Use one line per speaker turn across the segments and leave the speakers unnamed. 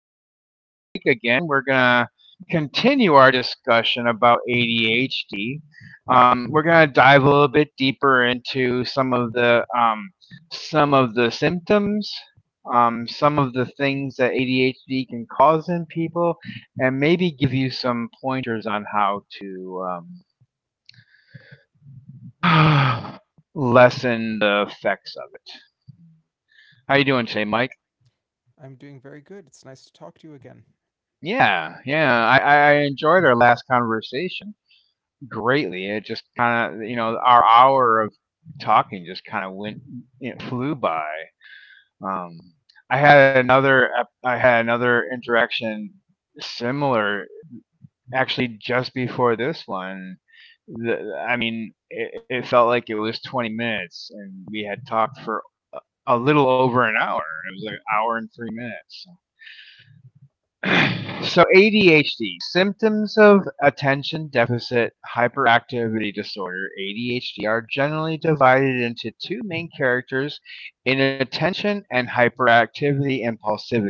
with Mike again. We're going to continue our discussion about ADHD. Um, we're going to dive a little bit deeper into some of the symptoms, some of the things that ADHD can cause in people, and maybe give you some pointers on how to um, lessen the effects of it. How you doing today, Mike?
I'm doing very good. It's nice to talk to you again.
Yeah, yeah. I enjoyed our last conversation greatly. It just kind of, you know, our hour of talking just kind of it flew by. Um, I had I had another interaction similar, actually, just before this one. I mean, it felt like it was 20 minutes, and we had talked for a little over an hour. It was like an hour and 3 minutes. So ADHD symptoms of attention deficit hyperactivity disorder ADHD are generally divided into two main characters, inattention and hyperactivity impulsivity.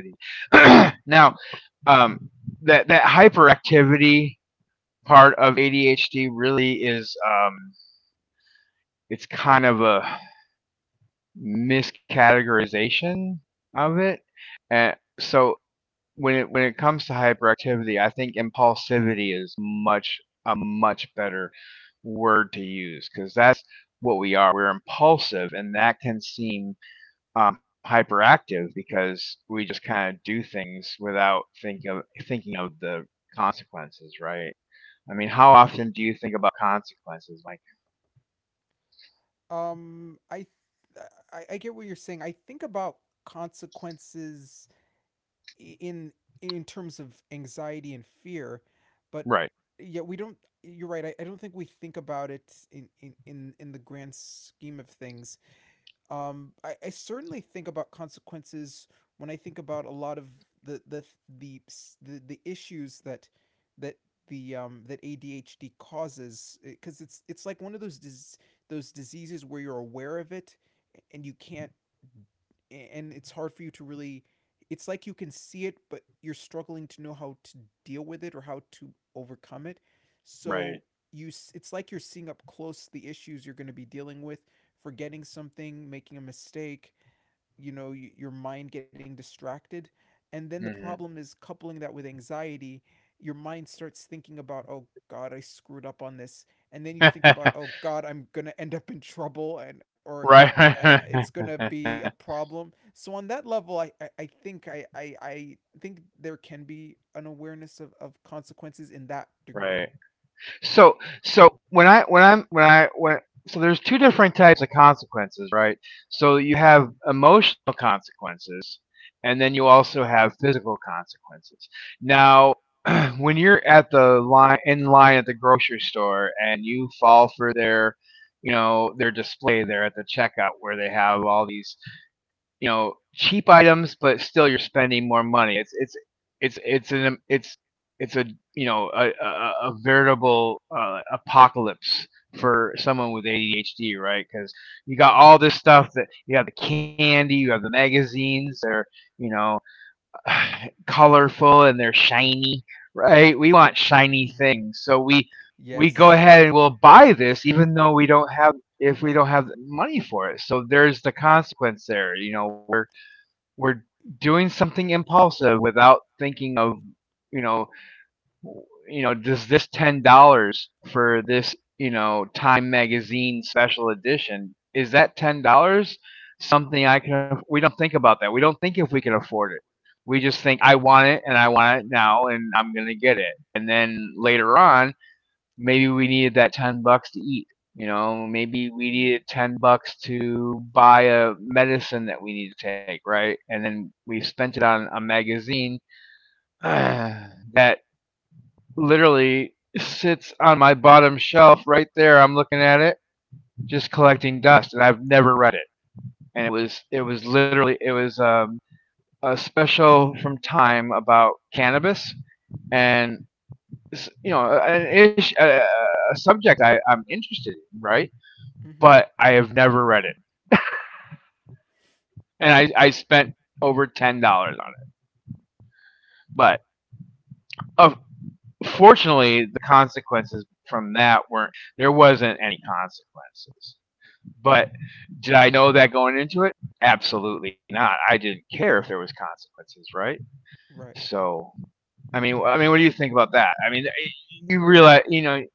Now, um, that hyperactivity part of ADHD really is, it's kind of a miscategorization of it. And so when it comes to hyperactivity, I think impulsivity is much a much better word to use, because that's what we are. We're impulsive, and that can seem hyperactive because we just kind of do things without think of thinking of the consequences, right? I mean, how often do you think about consequences? Like,
Um, I, I get what you're saying. I think about consequences in in terms of anxiety and fear, but
right,
yeah, we don't. You're right. I don't think we think about it in in the grand scheme of things. I certainly think about consequences when I think about a lot of the the the the issues that that ADHD causes because it's like one of those diseases where you're aware of it and you can't and it's hard for you to really it's like you can see it but you're struggling to know how to deal with it or how to overcome it,
right,
so you it's like you're seeing up close the issues you're going to be dealing with: forgetting something, making a mistake, you know, your mind getting distracted. And then the
hmm.
problem is coupling that with anxiety. Your mind starts thinking about, oh God, I screwed up on this. And then you think about, oh God, I'm gonna end up in trouble and or I
Right.
it's gonna be a problem. So on that level I think there can be an awareness of consequences in that
Right.
degree.
So so when I when I'm when I when so there's two different types of consequences, right? So you have emotional consequences, and then you also have physical consequences. Now, when you're at the line in line at the grocery store and you fall for their, you know, their display there at the checkout where they have all these, you know, cheap items, but still you're spending more money. It's an it's a you know, a veritable apocalypse for someone with ADHD, right? Because you got all
Mm-hmm.
this stuff that you have the candy, you have the magazines. They're, you know, colorful and they're shiny, right? We want shiny
Mm-hmm.
things, so we go
Yes.
ahead and we'll buy this even though we don't have, if we don't have money for it, so there's the consequence there, you know, we're doing something impulsive without thinking of, you know, you know, does this $10 for this, you know, Time magazine special edition, is that $10 something I can? We don't think about that. We don't think if we can afford it. We just think I want it and I want it now and I'm gonna get it. And then later
Mm-hmm.
on, maybe we needed that 10 bucks to eat, you know, maybe we needed 10 bucks to buy a medicine that we needed to take, right? And then we spent it on a magazine. uh, that literally sits on my bottom shelf right there. I'm looking at it just collecting dust and I've never read it. And it was literally it was a special from Time about cannabis. And, you know, an issue, a subject I, I'm interested in, right?
Mm-hmm.
But I have never read it, and I spent over $10 on it. But of fortunately, the consequences from that weren't there wasn't any consequences. But did I know that going into it? Absolutely not. I didn't care if there was consequences, right?
Right.
So I mean, what do you think about that? I mean, you realize, you know,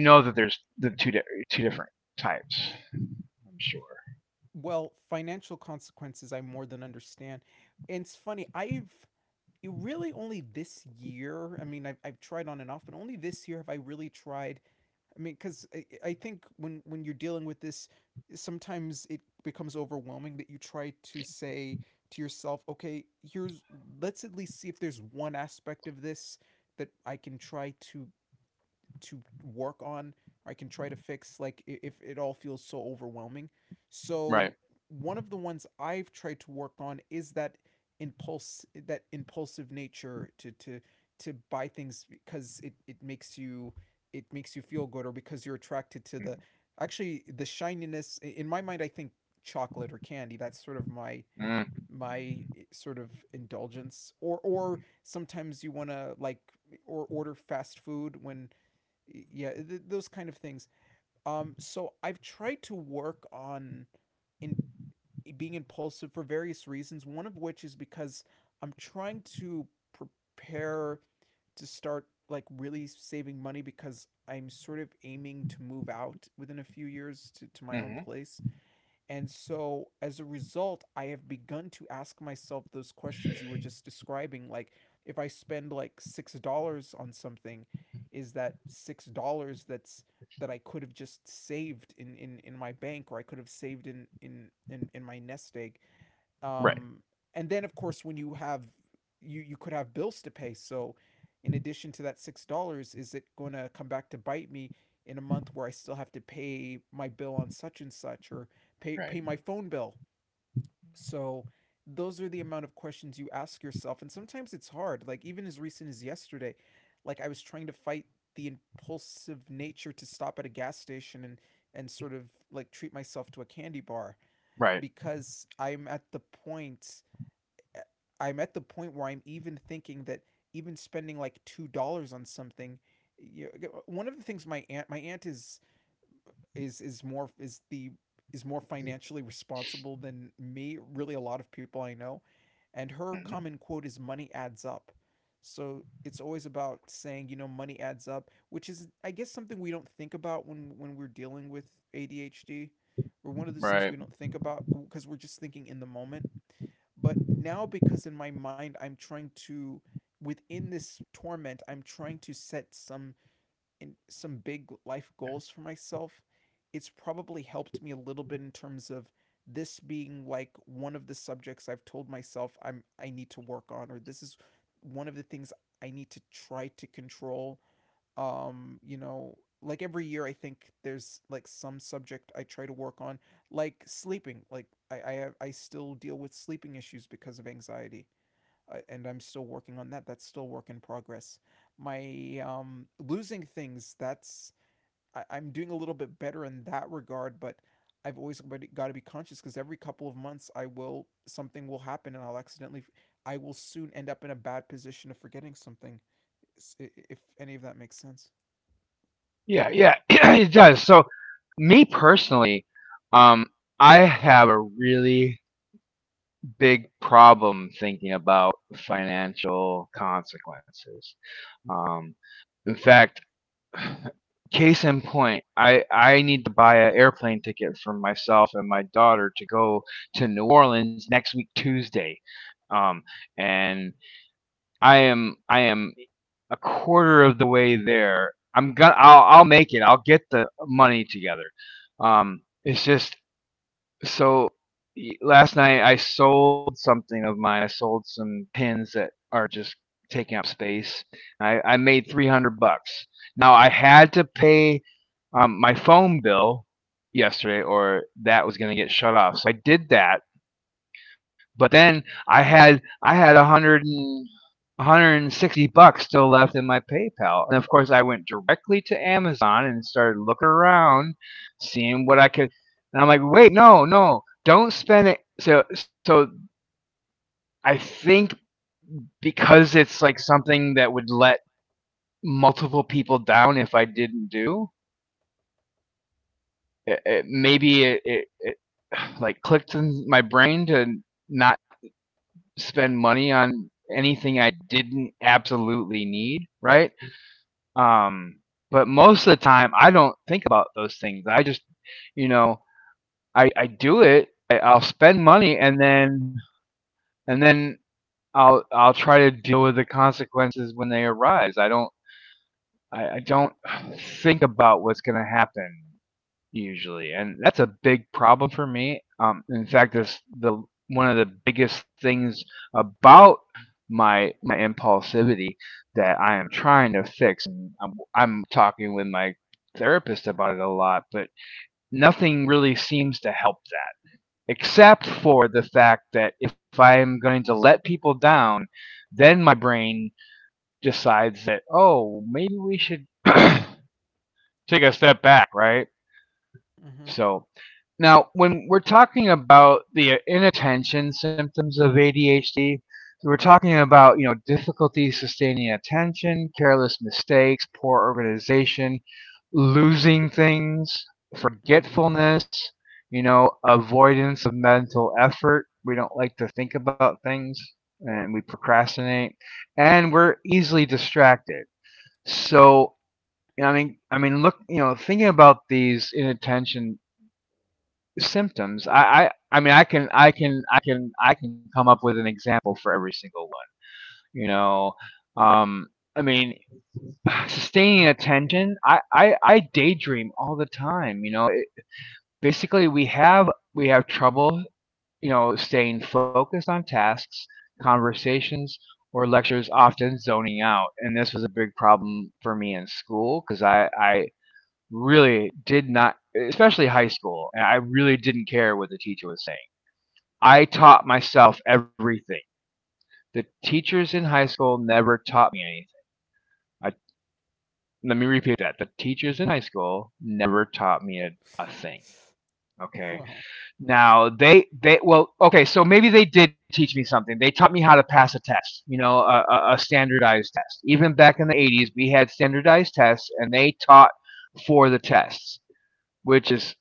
you know that there's the two different types. I'm sure.
Well, financial consequences I more than understand. And it's funny, I've it really only this year, I mean, I've tried on and off, but only this year have I really tried. I mean, because I think when you're dealing with this, sometimes it becomes overwhelming that you try to say to yourself, okay, here's, let's at least see if there's one aspect of this that I can try to work on. I can try to fix, like if it all feels so overwhelming. So
Right.
one of the ones I've tried to work on is that impulse that impulsive nature to to buy things because it makes you it makes you feel good, or because you're attracted to the actually the shininess in my mind. I think chocolate or candy, that's sort of my
Mm-hmm. Mm-hmm.
my sort of indulgence, or sometimes you want to like or order fast food when yeah those kind of things. So I've tried to work on in being impulsive for various reasons, one of which is because I'm trying to prepare to start like really saving money because I'm sort of aiming to move out within a few years to my own
Mm-hmm.
place. And so as a result, I have begun to ask myself those questions you were just describing. Like, if I spend like $6 on something, is that $6 that's that I could have just saved in, in my bank, or I could have saved in, in my nest egg,
Right.
um, and then of course when you have you you could have bills to pay. So in addition to that $6, is it going to come back to bite me in a month where I still have to pay my bill on such and such, or pay
Right.
my phone bill? So those are the amount of questions you ask yourself, and sometimes it's hard, like even as recent as yesterday, like I was trying to fight the impulsive nature to stop at a gas station and sort of like treat myself to a candy bar
Right.
because point I'm at the point where I'm even thinking that even spending like $2 on something, you know, one of the things my aunt is more is more financially responsible than me, really a lot of people I know. And her
Mm.
common quote is money adds up. So it's always about saying, you know, money adds up, which is I guess something we don't think about when we're dealing with ADHD, or one of those things we
Right.
don't think about because we're just thinking in the moment. But now because in my mind I'm trying to within this torment, I'm trying to set some in some big life goals for myself, it's probably helped me a little bit in terms of this being like one of the subjects I've told myself I'm I need to work on, or this is one of the things I need to try to control. um you know like every year I think there's like some subject I try to work on, like sleeping, like I still deal with sleeping issues because of anxiety, and I'm still working on that. That's still work in progress. My losing things, that's I'm doing a little bit better in that regard, but I've always got to be conscious because every couple of months I will something will happen and I'll accidentally I will soon end up in a bad position of forgetting something. If any of that makes sense.
Yeah, yeah, it does. So, me personally, um, I have a really big problem thinking about financial consequences. Um, in fact, case in point, I need to buy an airplane ticket for myself and my daughter to go to New Orleans next week Tuesday. Um, and I am a quarter of the way there. I'll make it. I'll get the money together. It's just so. Last night I sold something of mine. I sold some pins that are just taking up space. I made 300 bucks. Now I had to pay my phone bill yesterday, or that was gonna get shut off. So I did that. But then I had 100 160 bucks still left in my PayPal. And of course, I went directly to Amazon and started looking around, seeing what I could. And I'm like, wait, no, no, don't spend it. So, so I think because it's like something that would let multiple people down if I didn't do it, it like clicked in my brain to not spend money on anything I didn't absolutely need, right? Um, but most of the time, I don't think about those things. I just, you know, I do it. I'll spend money, and then I'll try to deal with the consequences when they arise. I don't think about what's going to happen usually, and that's a big problem for me. In fact, this the one of the biggest things about my impulsivity that I am trying to fix. And I'm talking with my therapist about it a lot, but nothing really seems to help that, except for the fact that if I am going to let people down, then my brain decides that, oh, maybe we should take a step back, right?
Mm-hmm.
So now, when we're talking about the inattention symptoms of ADHD, so we're talking about, you know, difficulty sustaining attention, careless mistakes, poor organization, losing things,
Mm-hmm.
forgetfulness, you know, avoidance of mental effort. We don't like to think about things, and we procrastinate, and we're easily distracted. So, I mean, look, you know, thinking about these inattention symptoms, I mean, I can, I can, I can, I can come up with an example for every single one, you know, um, I mean, sustaining attention. I daydream all the time. You know, basically we have trouble, you know, staying focused on tasks, conversations, or lectures, often zoning out. And this was a big problem for me in school because I really did not, especially high school, and I really didn't care what the teacher was saying. I taught myself everything. The teachers in high school never taught me anything. I, let me repeat that, the teachers in
Mm-hmm.
high school never taught me a thing, okay.
Wow.
Now they, well, okay, so maybe they did teach me something. They taught me how to pass a test, you know, a standardized test. Even back in the 80s, we had standardized tests, and they taught for the tests, which is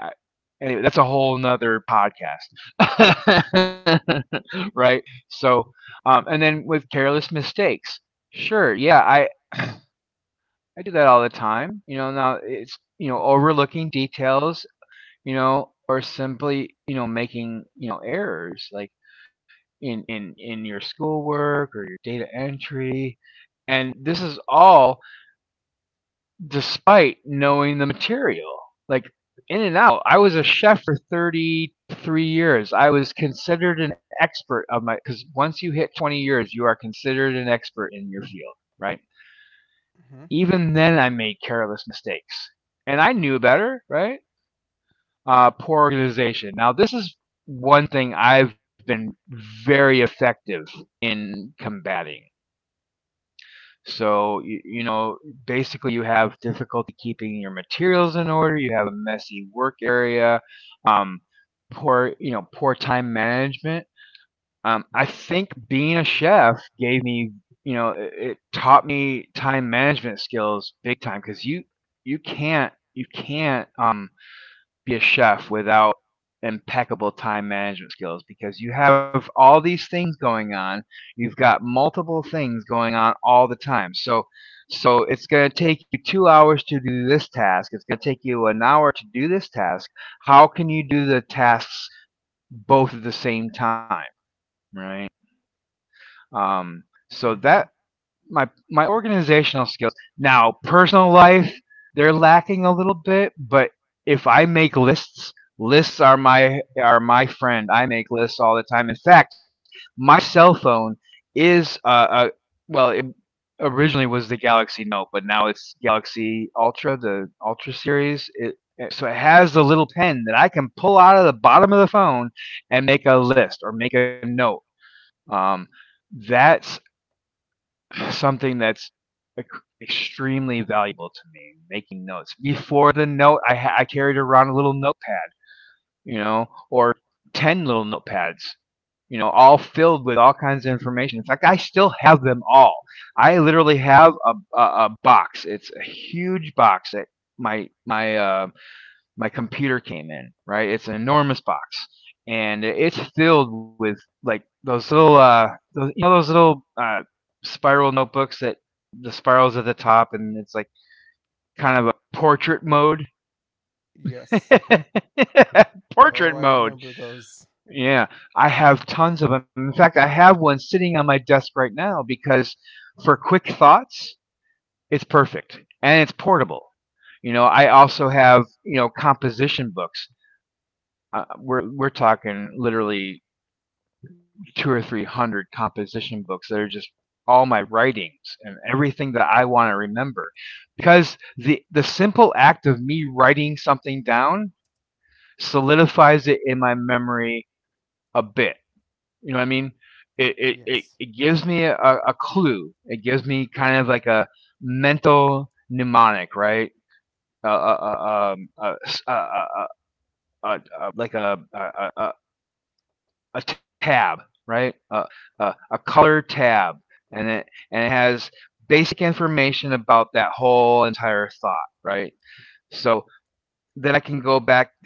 I- anyway, that's a whole nother podcast, right? So, and then with careless mistakes, sure, yeah, I I do that all the time. You know, now it's, you know, overlooking details, you know, or simply, you know, making, you know, errors like in your schoolwork or your data entry. And this is all despite knowing the material. Like in and out. I was a chef for 33 years. I was considered an expert of my, cuz once you hit 20 years, you are considered an expert in your field, right?
Mm-hmm.
Even then I made careless mistakes. And I knew better, right? Poor organization. Now, this is one thing I've been very effective in combating. So, you know, basically, you have difficulty keeping your materials in order, you have a messy work area, um, poor, you know, poor time management. I think being a chef gave me, you know, it taught me time management skills big time, because you can't be a chef without impeccable time management skills because you have all these things going on. You've got multiple things going on all the time. So so it's going to take you 2 hours to do this task. It's going to take you an hour to do this task. How can you do the tasks both at the same time, right? Um so that
Mm-hmm.
my organizational skills. Now, personal life, they're lacking a little bit, but if I make lists, lists are my friend. I make lists all the time. In fact, my cell phone is a, well, it originally was the Galaxy Note, but now it's Galaxy Ultra, the Ultra series. It, so it has the little pen that I can pull out of the bottom of the phone and make a list or make a note. Um, that something that's extremely valuable to me making notes before the note I carried around a little notepad, you know, or 10 little notepads, you know, all filled with all kinds of information. In fact, I still have them all. I literally have a box. It's a huge box that my my uh, my computer came in, right? It's an enormous box, and it's filled with like those those, you know, those little spiral notebooks that the spirals at the top, and it's like kind of a portrait mode.
Yes. Oh,
Portrait
I
mode.
remember those.
Yeah, I have tons of them. In fact, I have one sitting on my desk right now because for quick thoughts, it's perfect and it's portable. You know, I also have, you know, composition books. We're talking literally two or three hundred composition books that are just all my writings and everything that I want to remember, because the simple act of me writing something down solidifies it in my memory a bit. You know what I mean? It it, it,
Yes.
it gives me a clue. It gives me kind of like a mental mnemonic, right? Uh, uh, uh, um, uh, uh, uh, uh, like a tab, right? A color tab, and it has basic information about that whole entire thought, right? So then I can go back,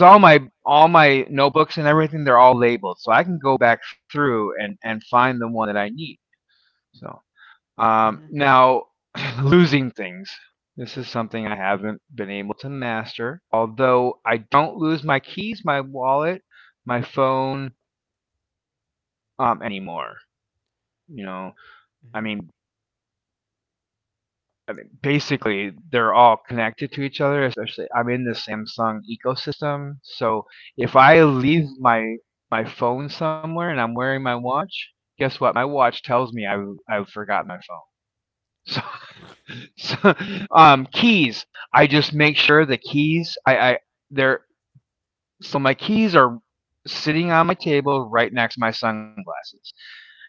because all my notebooks and everything, they're all labeled, so I can go back through and find the one that I need. So
Mm-hmm.
now losing things. This is something I haven't been able to master. Although I don't lose my keys, my wallet, my phone anymore. You know, I
Mm-hmm.
mean, I mean, basically, they're all connected to each other. Especially, I'm in the Samsung ecosystem, so if I leave my phone somewhere and I'm wearing my watch, guess what? My watch tells me I've forgotten my phone. So, keys. I just make sure the keys. I they're So my keys are sitting on my table right next to my sunglasses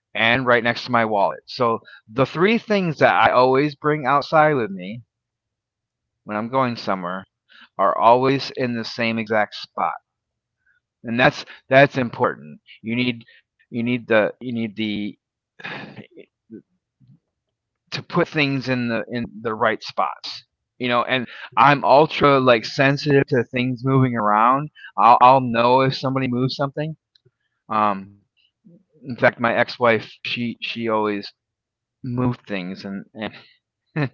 and right next to my wallet. So the three things that I always bring outside with me when I'm going somewhere are always in the same exact spot. And that's important. You need the to put things in the right spots. You know, and I'm ultra, like, sensitive to things moving around. I'll know if somebody moves something. Um, in fact, my ex-wife, she always moved things, and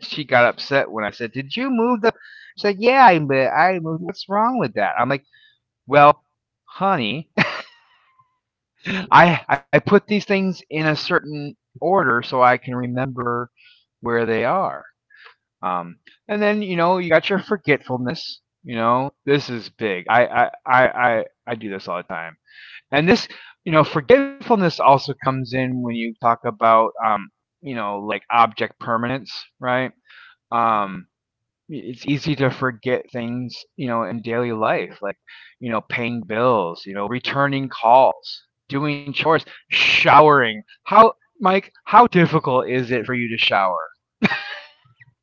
she got upset when I said, "Did you move the?" She said, "Yeah, I moved. What's wrong with that?" I'm like, well, honey, I put these things in a certain order so I can remember where they are. Um, and then, you know, you got your forgetfulness. You know, this is big. I do this all the time. And this, you know, forgetfulness also comes in when you talk about you know, like, object permanence, right?
Mm-hmm.
Um, it's easy to forget things, you know, in daily life, like, you know, paying bills, you know, returning calls, doing chores, showering. How, Mike, how difficult is it for you to shower?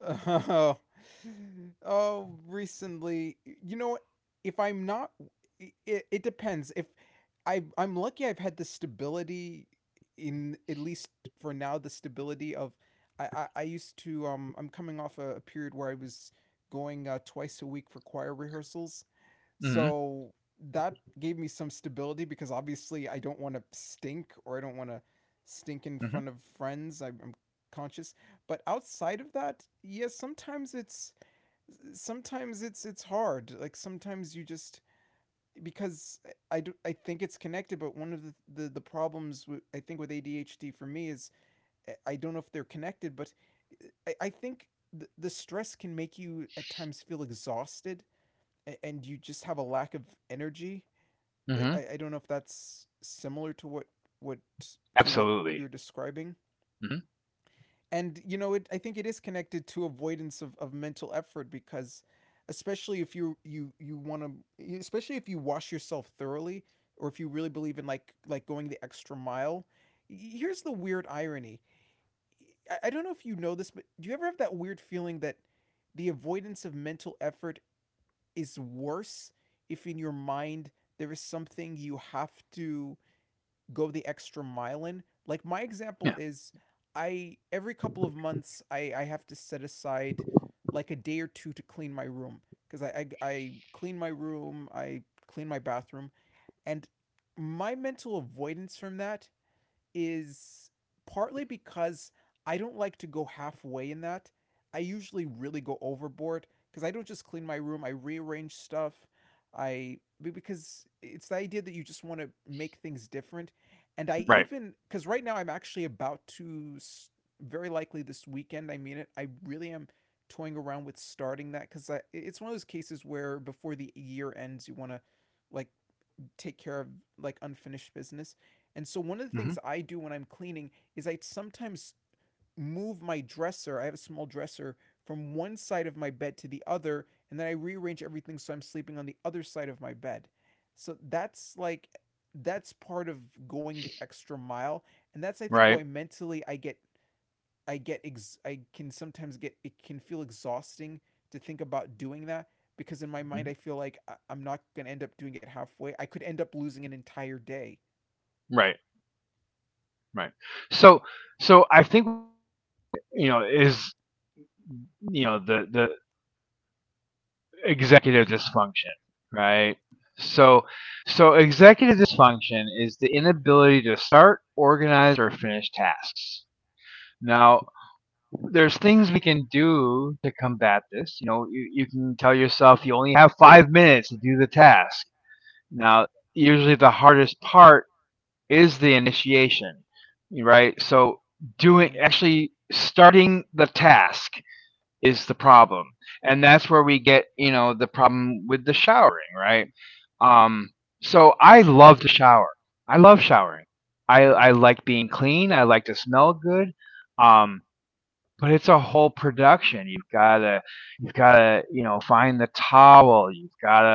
Oh, oh, recently, you know what? If I'm not, it depends. If I'm lucky I've had the stability in, at least for now, the stability of, I used to, I'm coming off a period where I was going twice a week for choir rehearsals.
hmm
So that gave me some stability because obviously I don't want to stink, or I don't want to stink in
hmm
front of friends. I'm conscious. But outside of that, yes, sometimes it's sometimes it's hard. Like sometimes you just because I, do, I think it's connected, but one of the problems with, I think with ADHD for me is I don't know if they're connected, but I think the stress can make you at times feel exhausted and you just have a lack of energy.
hmm
I, don't know if that's similar to what to what you're
Absolutely.
describing.
hmm
And you know, it I think it is connected to avoidance of mental effort because especially if you you want to especially if you wash yourself thoroughly, or if you really believe in like going the extra mile. Here's the weird irony. I don't know if you know this, but do you ever have that weird feeling that the avoidance of mental effort is worse if in your mind there is something you have to go the extra mile in. Like my example
Yeah.
is I every couple of months I have to set aside like a day or two to clean my room. Because I clean my room, I clean my bathroom, and my mental avoidance from that is partly because I don't like to go halfway in that. I usually really go overboard because I don't just clean my room, I rearrange stuff. I because it's the idea that you just want to make things different. And I
Right.
even because right now I'm actually about to very likely this weekend. I mean it. I really am toying around with starting that because it's one of those cases where before the year ends, you want to like take care of like unfinished business. And so one of the
hmm
things I do when I'm cleaning is I sometimes move my dresser. I have a small dresser from one side of my bed to the other, and then I rearrange everything so I'm sleeping on the other side of my bed. So that's like that's part of going the extra mile, and that's I think why
Right.
mentally I get I can sometimes get it can feel exhausting to think about doing that because in my mind I
Mhm.
feel like I- I'm not going to end up doing it halfway. I could end up losing an entire day.
Right. Right. So, I think, you know, you know, executive dysfunction, right? So, so executive dysfunction is the inability to start, organize, or finish tasks. Now, there's things we can do to combat this. You know, you can tell yourself you only have 5 minutes to do the task. Now, usually the hardest part is the initiation, right? So, doing
Mhm.
actually starting the task is the problem. And that's where we get, you know, the problem with the showering, right? Um, so I love to shower. I love showering.
Mhm.
I like being clean. I like to smell good. Um, but it's a whole production. You've gotta, you know, find the towel. You've gotta,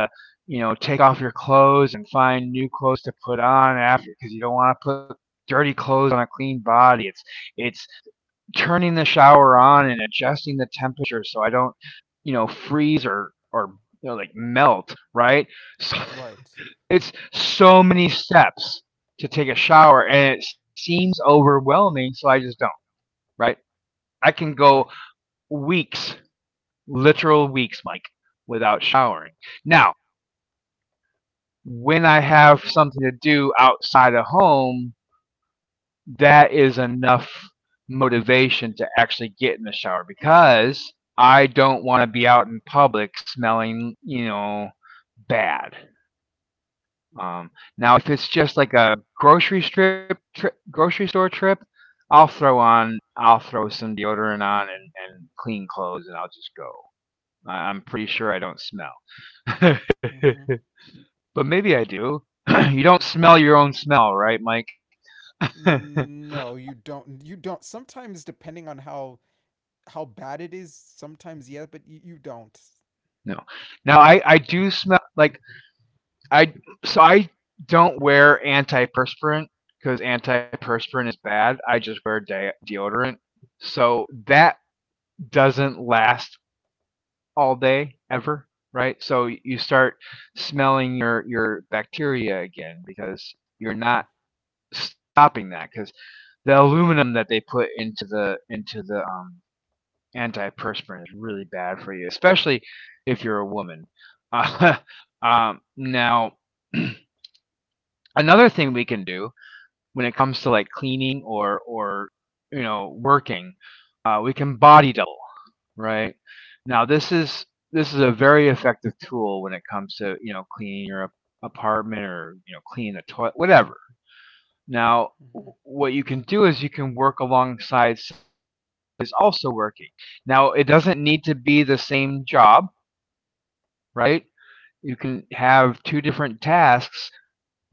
you know, take off your clothes and find new clothes to put on after, because you don't want to put dirty clothes on a clean body. It's turning the shower on and adjusting the temperature so I don't, you know, freeze, or, you know, like, melt, right? So,
Right.
it's so many steps to take a shower and it seems overwhelming, so I just don't. Right. I can go
Right.
weeks, literal weeks, Mike, without showering. Now, when I have something to do outside of home, that is enough motivation to actually get in the shower, because I don't want to be out in public smelling, you know, bad. um, Now if it's just like a grocery strip grocery store trip, I'll throw some deodorant on and clean clothes, and I'll just go. I am pretty sure I don't smell,
Mhm.
but maybe I do. You don't smell your own smell, right, Mike? No.
No, you don't sometimes depending on how bad it is, sometimes yeah, but you don't.
Now I do smell like I I don't wear antiperspirant because antiperspirant is bad. I just wear deodorant, so that doesn't last all day ever, right? So you start smelling your bacteria again because you're not
Mhm.
stopping that, because the aluminum that they put into the antiperspirant is really bad for you, especially if you're a woman. Uh, Now, another thing we can do when it comes to like cleaning or you know, working, we can body double, right? Now this is a very effective tool when it comes to, you know, cleaning your apartment or, you know, cleaning the toilet, whatever. Now
Mhm.
what you can do is you can work alongside someone who's also working. Now it doesn't need to be the same job, right? You can have two different tasks,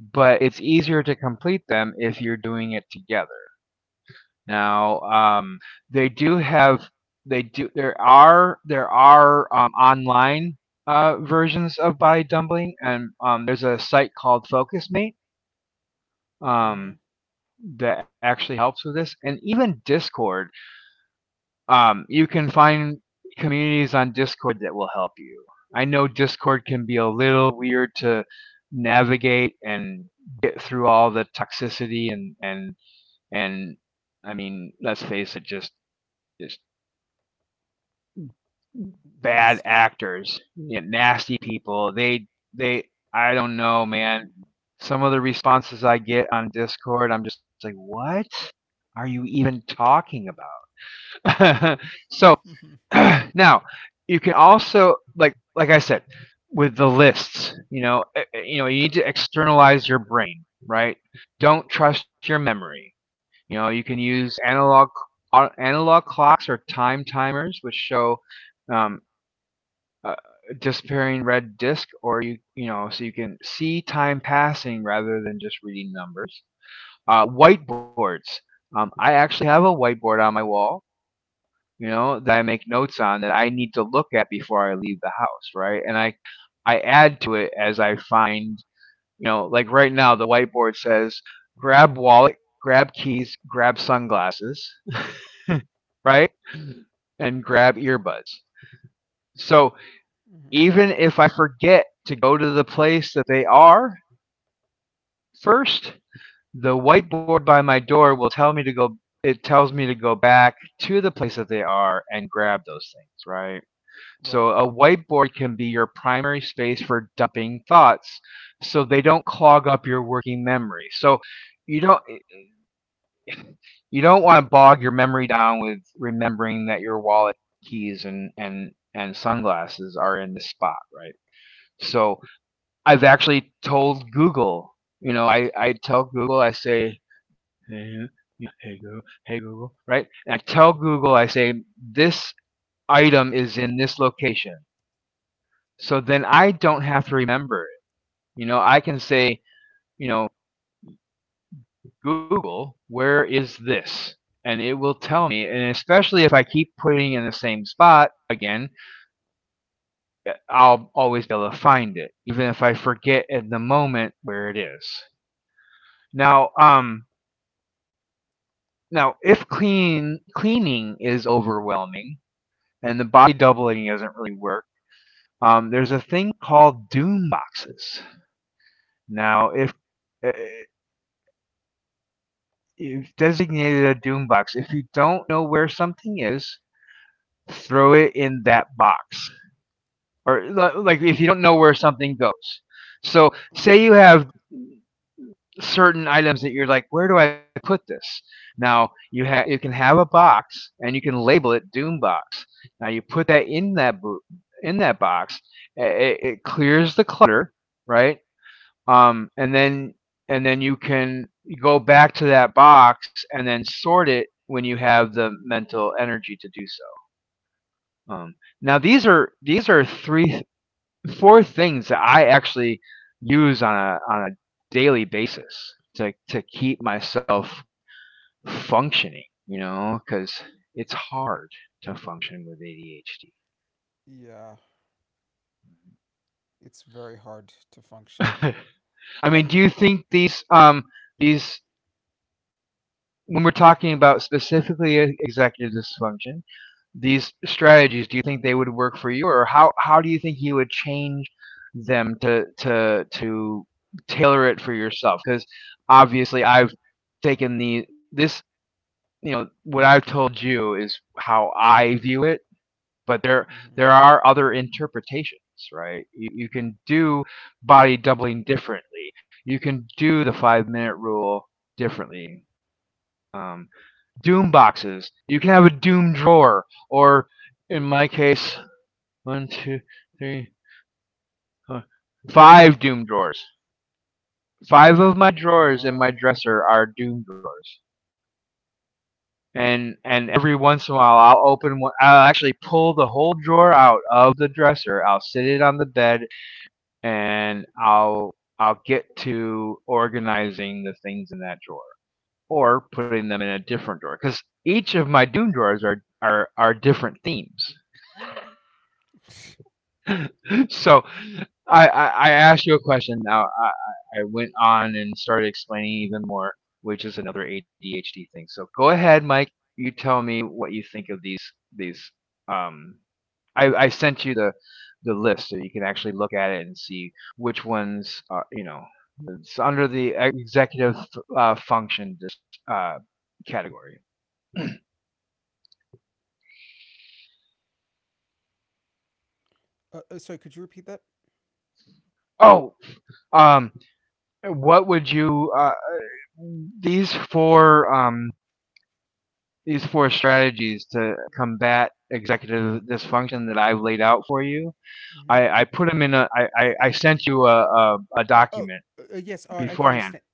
but it's easier to complete them if you're doing it together. Now, they do have they do there are online versions of body dumpling, and there's a site called FocusMate um,
Mhm.
that actually helps with this, and even Discord. You can find communities on Discord that will help you. I know Discord can be a little weird to navigate and get through all the toxicity, And I mean, let's face it, just just bad
Nasty.
actors, you know, nasty people. They I don't know, man. Some of the responses I get on Discord, I'm just like, what are you even talking about? So
Mhm.
now you can also, like I said with the lists, you know, you know, you need to externalize your brain, right? Don't trust your memory. You know, you can use analog clocks or time timers, which show um, uh, disappearing red disk, or you know, so you can see time passing rather than just reading numbers. Whiteboards. I actually have a whiteboard on my wall. You know, that I make notes on that I need to look at before I leave the house, right? And I add to it as I find. You know, like right now, the whiteboard says grab wallet, grab keys, grab sunglasses, right? And grab earbuds. So
Mhm.
even if I forget to go to the place that they are first, the whiteboard by my door will tell me to go. It tells me to go back to the place that they are and grab those things, right?
Right.
So a whiteboard can be your primary space for dumping thoughts so they don't clog up your working memory. So you don't want to bog your memory down with remembering that your wallet, keys, and sunglasses are in this spot, right? So I've actually told Google. You know, I tell Google, I say, hey, yeah, hey Google, right? And I tell Google, I say this item is in this location. So then I don't have to remember it. You know, I can say, you know, Google, where is this? And it will tell me. And especially if I keep putting it in the same spot again, I'll always be able to find it, even if I forget at the moment where it is. Now, now if cleaning is overwhelming and the body doubling doesn't really work, there's a thing called doom boxes. Now, if uh, you've designated a doom box, if you don't know where something is, throw it in that box, or like if you don't know where something goes. So
Oh.
say you have certain items that you're like, where do I put this? Now you can have a box and you can label it doom box. Now you put that in that box. It clears the clutter, right? Um, and then and then you can go back to that box and then sort it when you have the mental energy to do so. Now these are three four things that I actually use on a daily basis to keep myself functioning. You know, because it's hard to function with ADHD.
Yeah. It's very hard to function.
I mean, do
And
you think um these when we're talking about specifically executive dysfunction, these strategies, do you think they would work for you, or how do you think you would change them to tailor it for yourself? Because obviously, I've taken the this you know What I've told you is how I view it, but there
hmm.
there are other interpretations, right? You can do body doubling differently. You can do the 5 minute rule differently. Um, doom boxes. You can have a doom drawer, or in my case, one, two, three, four, five doom drawers. Five of my drawers in my
Oh.
dresser are doom drawers. And every once in a while I'll open one. I'll actually pull the whole drawer out of the dresser. I'll sit it on the bed, and I'll get to organizing the things in that drawer or putting them in a different drawer because each of my Doom drawers are different themes. So I asked you a question. Now I went on and started explaining even more, which is another ADHD thing. So go ahead, Mike. You tell me what you think of these. Um, I sent you the list so you can actually look at it and see which ones are, you know, it's under the executive function category.
Sorry, could you repeat that?
Oh, um, what would you these four um, these four strategies to combat executive dysfunction that I've laid out for you.
Hmm.
I put them in a. I sent you a
Uh, oh,
document
yes. I can understand.
beforehand.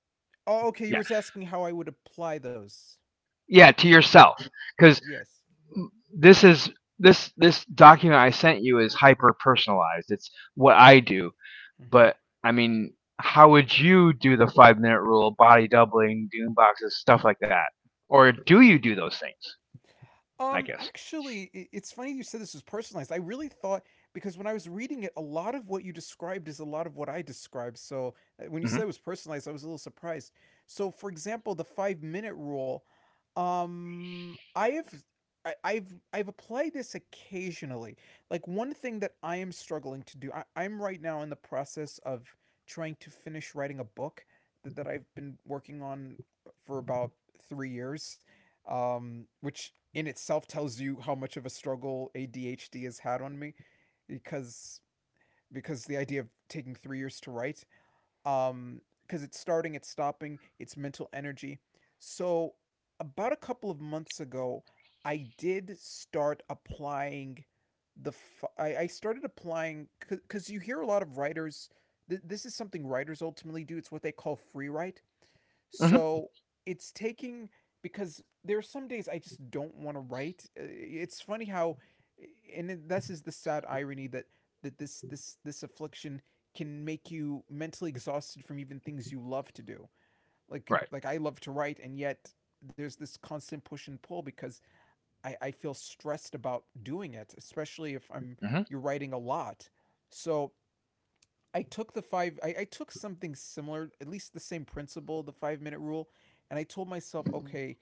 Oh, okay. You were
Yeah,
asking how I would apply those.
yeah, to yourself, because
Yes.
this is this this document I sent you is hyper personalized. It's what I do, but I mean, how would you do the 5 minute rule, body doubling, doom boxes, stuff like that? Or do you do those things? I guess.
Actually, I- it's funny you said this was personalized. I really thought because when I was reading it, a lot of what you described is a lot of what I described. So when you said it
Mm-hmm.
was personalized, I was a little surprised. So, for example, the five-minute rule. I have. I've I've applied this occasionally. Like one thing that I am struggling to do, I'm right now in the process of trying to finish writing a book that I've been working on for about 3 years, which in itself tells you how much of a struggle ADHD has had on me, because because the idea of taking 3 years to write, um, because it's starting, it's stopping, it's mental energy. So about a couple of months ago, I did start applying I started applying because you hear a lot of writers this is something writers ultimately do. It's what they call free write. So
Mm-hmm.
it's taking, because there are some days I just don't want to write. It's funny how, and this is the sad irony that this affliction can make you mentally exhausted from even things you love to do. Like
Right.
I love to write, and yet there's this constant push and pull because I feel stressed about doing it, especially if I'm you're
Mm-hmm.
writing a lot. So I took the five. I took something similar, at least the same principle, the 5 minute rule, and I told myself, okay,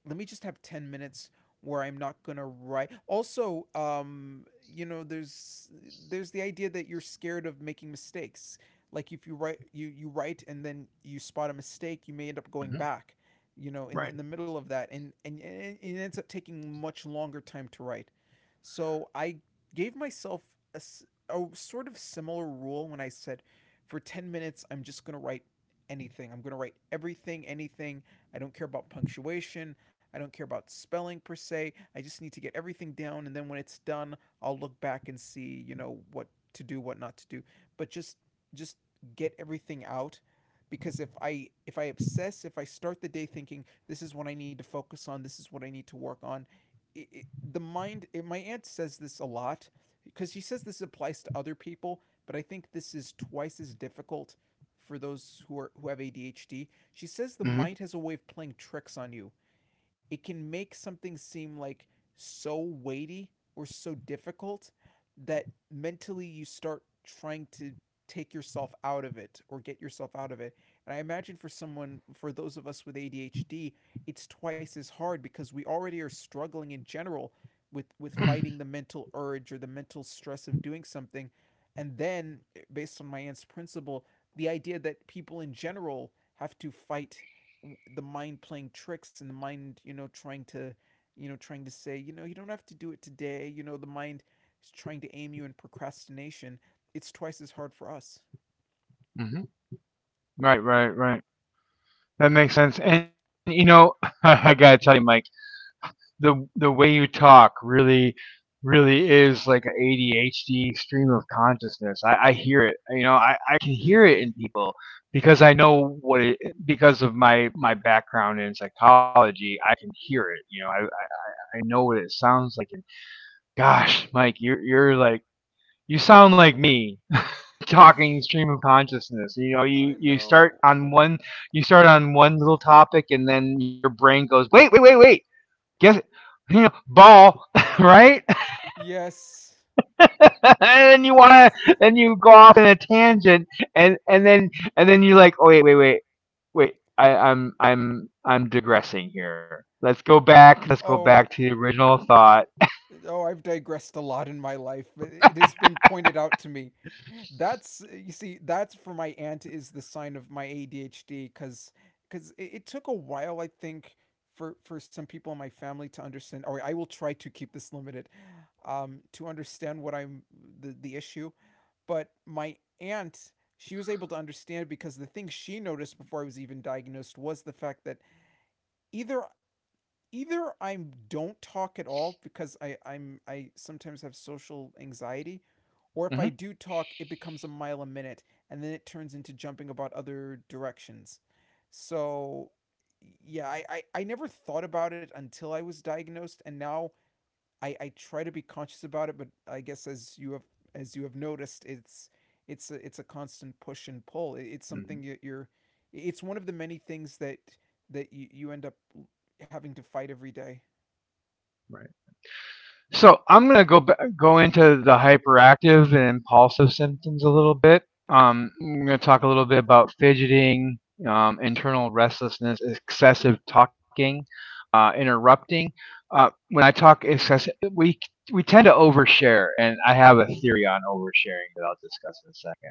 let me just have 10 minutes where I'm not going to write. Also, there's the idea that you're scared of making mistakes. Like if you write you write and then you spot a mistake, you may end up going
Mm-hmm.
back, you know, in the
Right.
middle of that and it ends up taking much longer time to write. So I gave myself a sort of similar rule when I said for 10 minutes I'm just going to write anything. I'm going to write everything, anything. I don't care about punctuation. I don't care about spelling per se. I just need to get everything down. And then when it's done, I'll look back and see, you know, what to do, what not to do. But just get everything out, because if I obsess, if I start the day thinking this is what I need to focus on, this is what I need to work on, the mind. My aunt says this a lot because she says this applies to other people, but I think this is twice as difficult for those who are who have ADHD. She says the mind has a
Mm-hmm.
way of playing tricks on you. It can make something seem like so weighty or so difficult that mentally you start trying to take yourself out of it or get yourself out of it. And I imagine for someone, for those of us with ADHD, it's twice as hard because we already are struggling in general with fighting the
hmm
mental urge or the mental stress of doing something. And then, based on my aunt's principle, the idea that people in general have to fight the mind playing tricks and the mind trying to trying to say, you know, you don't have to do it today, you know, the mind is trying to aim you in procrastination. It's twice as hard for us.
Right, right, right. That makes sense. And you know, I gotta tell you, Mike, the way you talk really, really is like an ADHD stream of consciousness. I hear it. You know, I can
Mm-hmm.
hear it in people because I know what it, because of my background in psychology. I can hear it. You know, I know what it sounds like. And gosh, Mike, you're like you sound like me talking stream of consciousness. You know, you,
I
you start
know.
on one. You start on one little topic and then your brain goes, "Wait, wait, wait, wait. Guess, you know, ball." Right?
Yes.
And then you wanna
It's
then you go off in a tangent, and then you're like, "Oh wait, wait, wait, wait, I, I'm digressing here. Let's go back. Let's go back
oh.
to the original thought."
Oh, I've digressed a lot in my life, but it has been pointed out to me. That's you see, that's for my aunt is the sign of my ADHD because it took a while, I think, for some people in my family to understand. Or I will try to keep this limited, to understand what I'm the issue. But my aunt, she was able to understand it because the thing she noticed before I was even diagnosed was the fact that either either I don't talk at all because I sometimes have social anxiety, or
Mhm.
if I do talk, it becomes a mile a minute, and then it turns into jumping about other directions. So yeah, I never thought about it until I was diagnosed, and now I try to be conscious about it, but I guess as you have noticed, it's a constant push and pull. It's
Mhm.
something you're. It's one of the many things that that you end up having to fight every day.
Right. So I'm going to go into the hyperactive and impulsive symptoms a little bit. I'm going to talk a little bit about fidgeting, internal restlessness, excessive talking, interrupting, when I talk excess, we tend to overshare, and I have a theory on oversharing that I'll discuss in a second.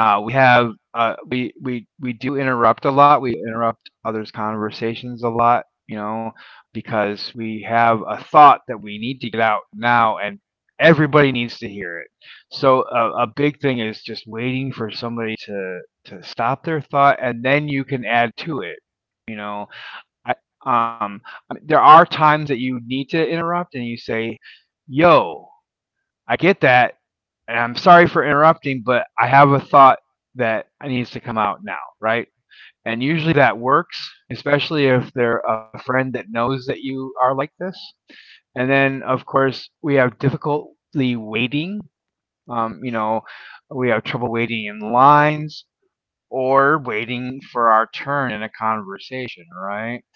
We do interrupt a lot. We interrupt others' conversations a lot, you know, because we have a thought that we need to get out now, and everybody needs to hear it. So a big thing is just waiting for somebody to stop their thought, and then you can add to it, you know. I, um, there are times that you need to interrupt and you say, "Yo, I get that. And I'm sorry for interrupting, but I have a thought that needs to come out now," right? And usually
Mm-hmm.
that works, especially if they're a friend that knows that you are like this. And then, of course, we have difficulty waiting. You know, we have trouble waiting in lines or waiting for our turn in a conversation, right?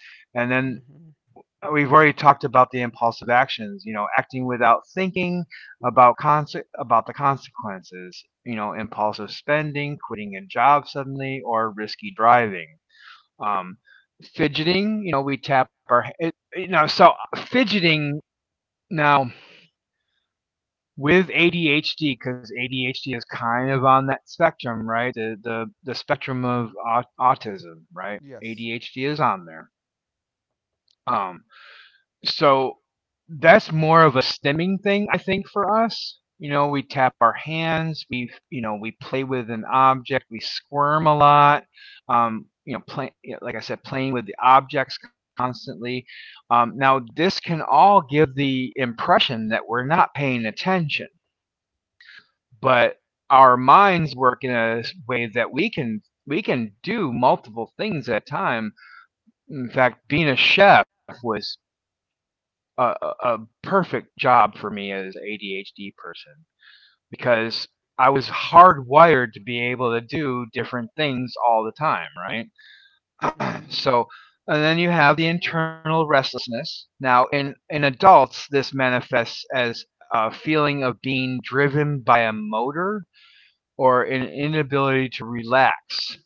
And then
Mm-hmm.
we've already talked about the impulsive actions, you know, acting without thinking about about the consequences, you know, impulsive spending, quitting a job suddenly, or risky driving. um, Fidgeting, you know, we tap you know, so fidgeting now with ADHD, because ADHD is kind of on that spectrum, right, the the spectrum of autism, right,
Yes.
ADHD is on there. Um, so that's more of a stemming thing, I think, for us. You know, we tap our hands, we, you know, we play with an object, we squirm a lot. You know, play, like I said, playing with the objects constantly. Now, this can all give the impression that we're not paying attention, but our minds work in a way that we can do multiple things at a time. In fact, being a chef was a perfect job for me as an ADHD person because I was hardwired to be able to do different things all the time, right?
Mm-hmm.
So, and then you have the internal restlessness. Now, in adults, this manifests as a feeling of being driven by a motor or an inability to relax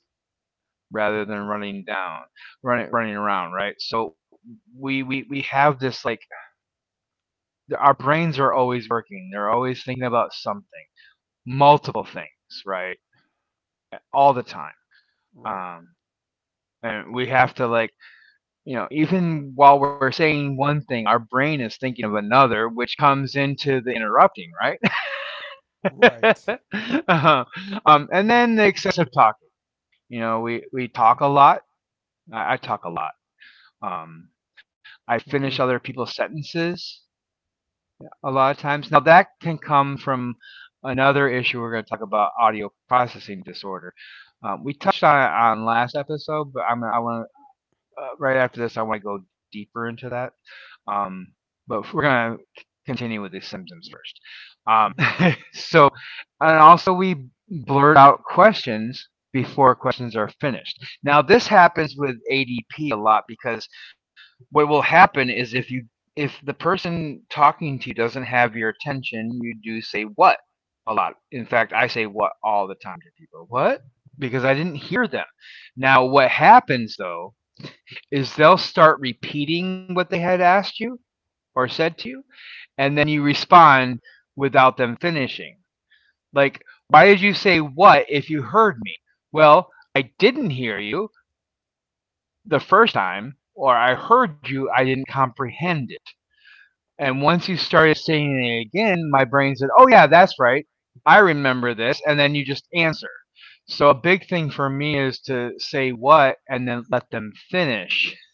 rather than running down, running around, right? So we have this, like, our brains are always working. They're always thinking about something, multiple things, right? All the time.
Right.
Um, and we have to, like, you know, even while we're saying one thing, our brain is thinking of another, which comes into the interrupting, right?
Right.
Uh-huh. Um, and then the excessive talking. You know, we talk a lot. I talk a lot. Um, I finish
Mm-hmm.
other people's sentences a lot of times. Now that can come from another issue we're going to talk about: audio processing disorder. We touched on it on last episode, but I want, right after this I want to go deeper into that. Um, but we're going to continue with these symptoms first. Um, so, and also we blurt out questions before questions are finished. Now this happens with ADP a lot because what will happen is if you, if the person talking to you doesn't have your attention, you do say "what" a lot. In fact, I say "what" all the time to people. What? Because I didn't hear them. Now, what happens though is they'll start repeating what they had asked you or said to you, and then
Mm-hmm.
you respond without them finishing. Like, why did you say "what" if you heard me? Well, I didn't hear you the first time, or I heard you, I didn't comprehend it. And once you started saying it again, my brain said, "Oh yeah, that's right. I remember this." And then you just answer. So a big thing for me is to say "what" and then let them finish.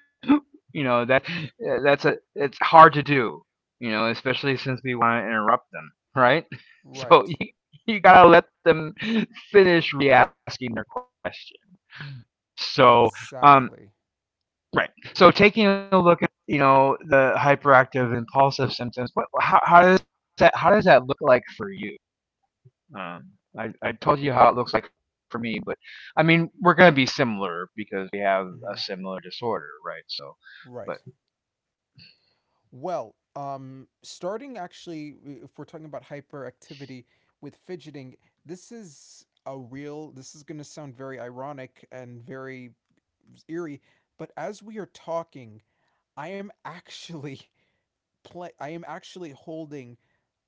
You know, that's a it's hard to do. You know, especially since we want to interrupt them, right? So
Right.
you, gotta let them finish re-asking their question. So, um,
Exactly.
right. So taking a look at, you know, the hyperactive impulsive symptoms, how does that look like for you? Um, I, I told you how it looks like for me, but I mean we're going to be similar because we have a
Mm-hmm.
similar disorder, right? So, but
Right. Well, starting actually, if we're talking about hyperactivity with fidgeting, this is a real, this is going to sound very ironic and very eerie, but as we are talking, I am actually play, I am actually holding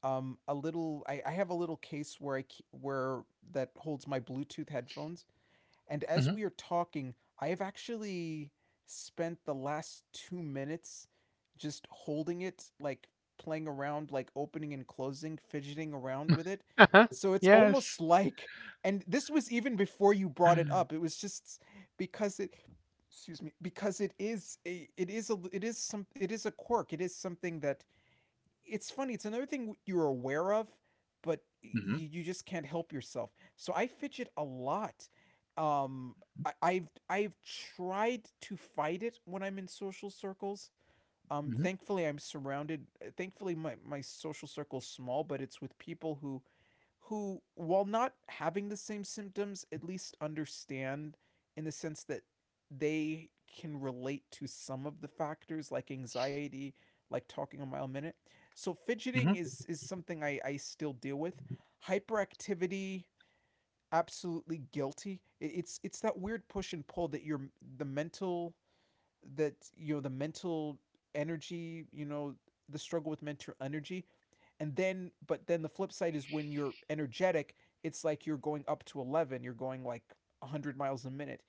a little I have a little case where that holds my Bluetooth headphones,
Mhm.
and as we are talking, I have actually spent the last 2 minutes just holding it, like playing around, like opening and closing, fidgeting around with it. So it's
Yes.
almost like, and this was even before you
hmm
brought it up. It was just because it, excuse me, because it is a, it is a, it is some, it is a quirk. It is something that it's funny. It's another thing you're aware of, but
hmm
you just can't help yourself. So I fidget a lot. Um, I've tried to fight it when I'm in social circles. Thankfully, I'm surrounded. Thankfully, my social circle's small, but it's with people who, while not having the same symptoms, at least understand in the sense that they can relate to some of the factors like anxiety, like talking a mile a minute. So
hmm
fidgeting is something I still deal with. Hyperactivity, absolutely guilty. It's that weird push and pull that your the mental that you know the mental energy, you know, the struggle with mental energy, and then but then the flip side is when you're energetic, it's like you're going up to 11, you're going like 100 miles a minute,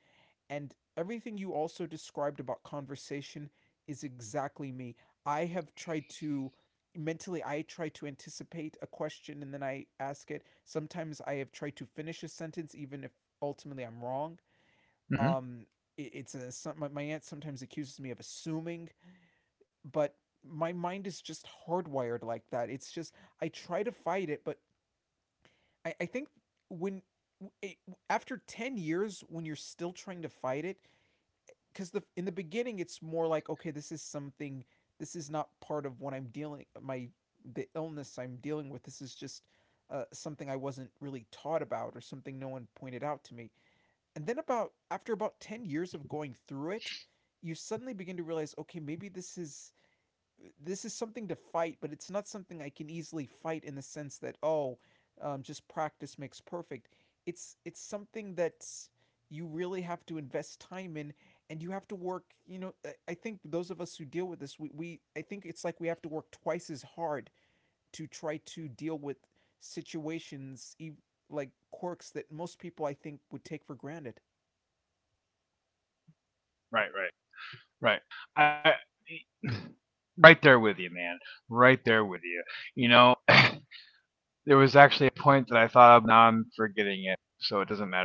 and everything you also described about conversation is exactly me. I have tried to mentally I try to anticipate a question and then I ask it. Sometimes I have tried to finish a sentence even if ultimately I'm wrong.
hmm
um it's a my aunt sometimes accuses me of assuming, but my mind is just hardwired like that. It's just I try to fight it, but I think when it, after 10 years when you're still trying to fight it, because the in the beginning it's more like okay this is something, this is not part of what I'm dealing my the illness I'm dealing with. This is just something I wasn't really taught about or something no one pointed out to me, and then about after about 10 years of going through it, you suddenly begin to realize okay maybe this is something to fight, but it's not something I can easily fight in the sense that oh, just practice makes perfect. It's something that's you really have to invest time in, and you have to work, you know, I think those of us who deal with this we I think it's like we have to work twice as hard to try to deal with situations like quirks that most people I think would take for granted.
right, right, right. I right there with you, man. Right there with you. You know, there was actually a point that I thought of. Now I'm forgetting it, so it doesn't matter.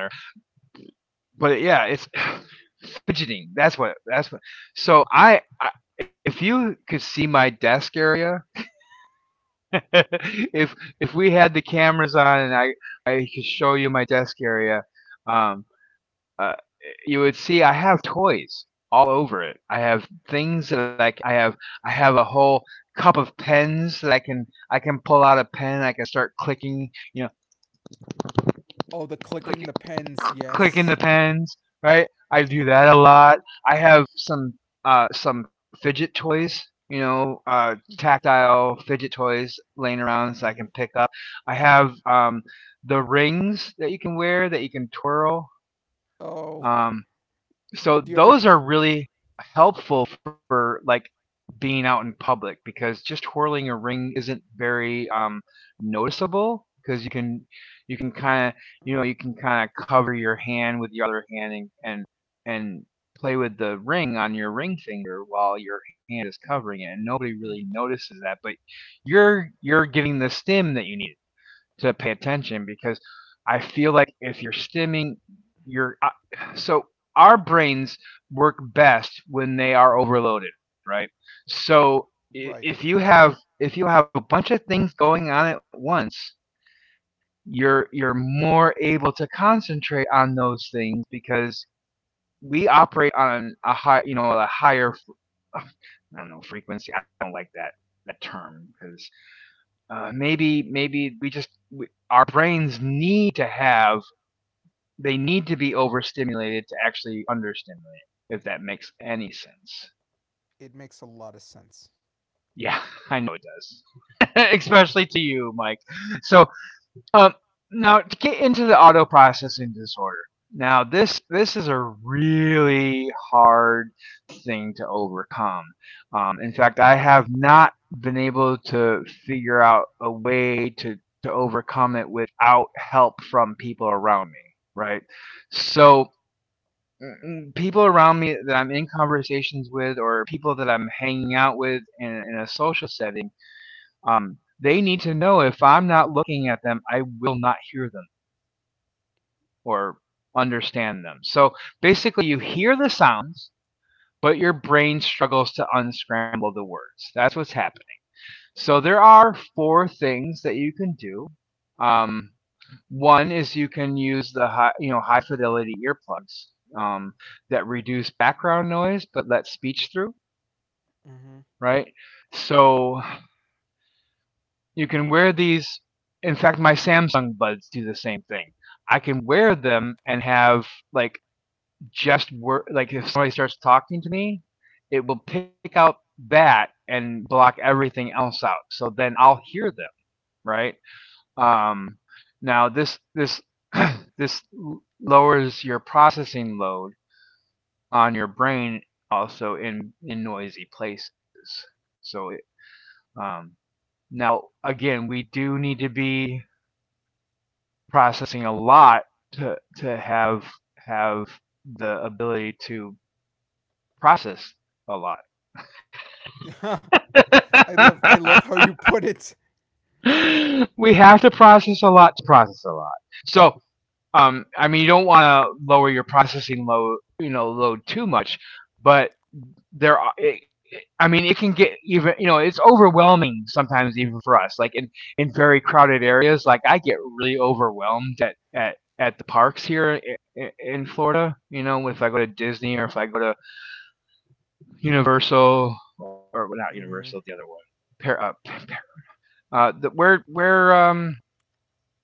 But yeah, it's fidgeting. That's what. That's what. So
Mhm.
I if you could see my desk area, if we had the cameras on and I could show you my desk area, um, uh, you would see I have toys all over it. I have things that I have, I have a whole cup of pens that I can pull out a pen. I can start clicking, you know,
Oh, the
click
clicking the pens.
clicking the
Yes.
pens, right? I do that a lot. I have some fidget toys, you know,
Mm-hmm.
tactile fidget toys laying around so
Mm-hmm.
I can pick up. I have um, the rings that you can wear that you can twirl.
Oh,
Um,
do,
so
do you ever?
those are really helpful for like being out in public because just twirling a ring isn't very noticeable because you can kind of you
Uh,
know you can kind of cover your hand with your other hand and play with the ring on your ring finger while your hand is covering it and nobody
mm,
really notices that but you're getting the stim that you need to pay attention because I feel like if you're stimming you're so our brains work best when they are overloaded, right? So if
right.
you have if you have a bunch of things going on at once, you're more able to concentrate on those things because we operate on a high, you know, a higher, I don't know, frequency. I don't like that that term because maybe our brains need to be overstimulated to actually understimulate, if that makes any sense.
It makes a lot of sense.
Yeah, I know it does. Especially to you, Mike. So um, Now to get into the auto processing disorder. Now this is a really hard thing to overcome. In fact, I have not been able to figure out a way to overcome it without help from people around me. Right. So people around me that I'm in conversations with or people that I'm hanging out with in a social setting, they need to know if I'm not looking at them, I will not hear them or understand them. So basically, you hear the sounds, but your brain struggles to unscramble the words. That's what's happening. So there are four things that you can do. Um, One is you can use the high, you know, high fidelity earplugs that reduce background noise but let speech through,
Mm-hmm.
right? So you can wear these. In fact, my Samsung buds do the same thing. I can wear them and have like just work. Like if somebody starts talking to me, it will pick out that and block everything else out. So then I'll hear them, right? Um, now this this lowers your processing load on your brain also in noisy places. So um, Now, again, we do need to be processing a lot to have the ability to process a lot.
I love how you put it.
We have to process a lot to process a lot. So, I mean, you don't want to lower your processing load, you know, load too much, but I mean it can get, even you know, it's overwhelming sometimes even for us, like in very crowded areas. Like I get really overwhelmed at the parks here in Florida. You know, if I go to Disney or if I go to Universal, or not
Mm-hmm.
Universal, the other one. Par- uh, Par- where um,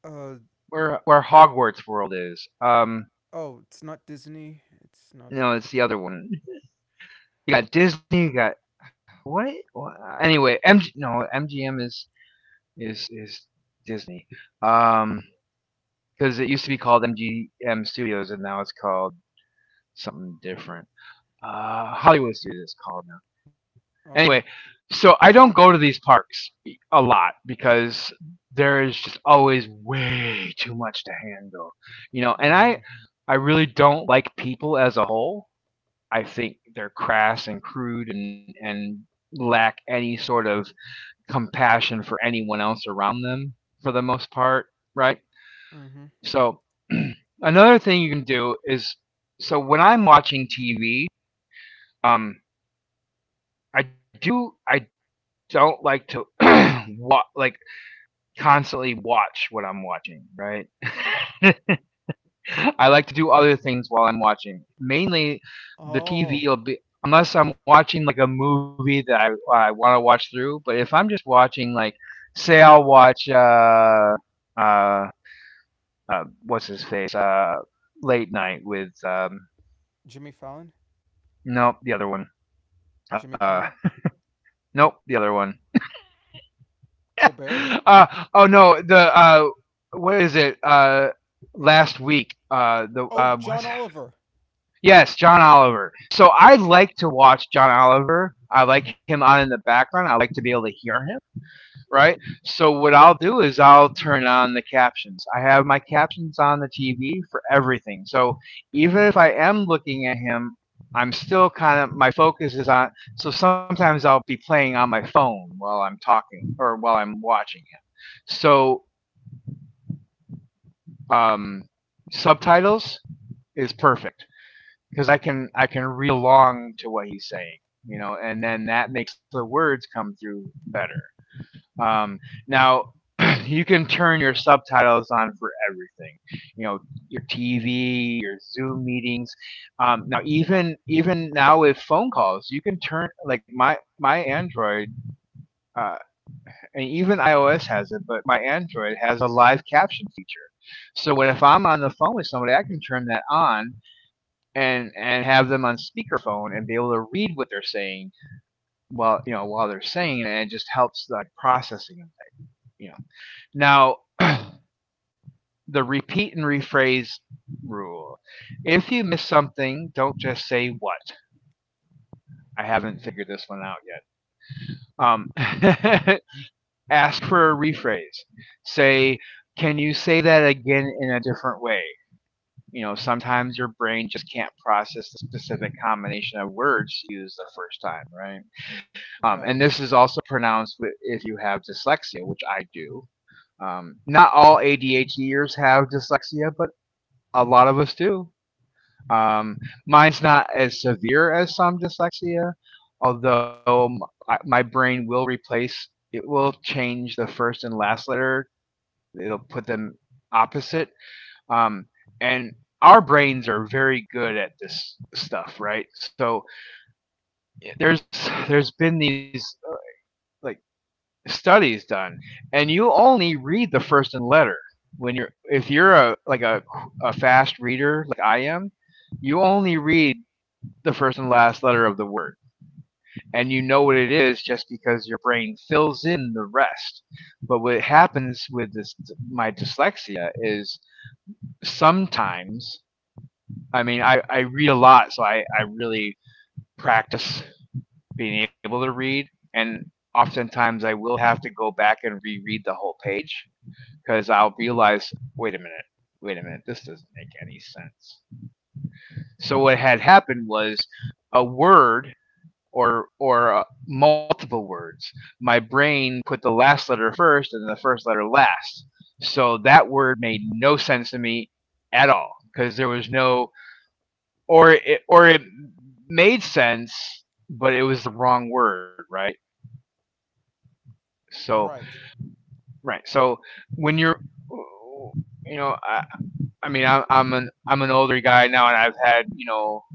Uh
where Hogwarts World is.
oh, it's not Disney. It's not.
No, it's the other one. You got Disney, you got, what, what? anyway, mg no MGM is Disney. Um, because it used to be called MGM Studios and now it's called something different. Hollywood Studios it's called now. Anyway,
Oh.
so I don't go to these parks a lot because there is just always way too much to handle, you know. And
Mm-hmm.
I I really don't like people as a whole. I think they're crass and crude and lack any sort of compassion for anyone else around them, for the most part, right?
Mm-hmm.
So another thing you can do is, so when I'm watching TV, um, I don't like to like constantly watch what I'm watching, right? I like to do other things while I'm watching. Mainly, the
Oh,
TV will be, unless I'm watching like a movie that I want to watch through. But if I'm just watching, like, say I'll watch uh uh, what's his face. Late night with,
Jimmy Fallon,
nope, the other one.
Jimmy
Uh,
Kimmel,
nope, the other one.
Colbert.
uh, oh no, the what is it? Last week. The
Oh,
What?
John Oliver.
Yes, John Oliver. So I like to watch John Oliver. I like him on in the background. I like to be able to hear him, right? So what
Mm-hmm.
I'll do is I'll turn on the captions. I have my captions on the TV for everything. So even
Mm-hmm.
if I am looking at him, I'm still kind of, my focus is on. So sometimes I'll be playing on my phone while I'm talking or while I'm watching him. So um, Subtitles is perfect because I can read along to what he's saying, you know, and then that makes the words come through better. Um, Now, you can turn your subtitles on for everything. You know, your TV, your Zoom meetings. Now, even now with phone calls, you can turn, like my Android uh, and even iOS has it, but my Android has a live caption feature. So when, if I'm on the phone with somebody, I can turn that on and have them on speakerphone and be able to read what they're saying while, you know, while they're saying, and it just helps like processing. You know, now the repeat and rephrase rule. If you miss something, don't just say what. I haven't
Mm-hmm.
figured this one out yet. Ask for a rephrase. Say, can you say that again in a different way? You know, sometimes your brain just can't process the specific combination of words you used the first time, right? And
Right.
this is also pronounced if you have dyslexia, which I do. Um, Not all ADHDers have dyslexia, but a lot of us do. Um, Mine's
Mm-hmm.
not as severe as some dyslexia, although my brain will replace, it will change the first and last letter. It'll put them opposite. Um, and our brains are very good at this stuff, right? So there's been these like studies done, and you only read the first and letter when you're, if you're a like a fast reader like I am, you only read the first and last letter of the word, and you know what it is just because your brain fills in the rest. But what happens with this, my dyslexia, is sometimes I mean I, I read a lot, so I really practice being able to read and oftentimes I will have to go back and reread the whole page because I'll realize, wait a minute, wait a minute, this doesn't make any sense. So what had happened was a word or multiple words, my brain put the last letter first and the first letter last. So that word made no sense to me at all because there was no, or it made sense but it was the wrong word, right? So
Right.
right. So when you're, you know, I'm an older guy now, and I've had, you know,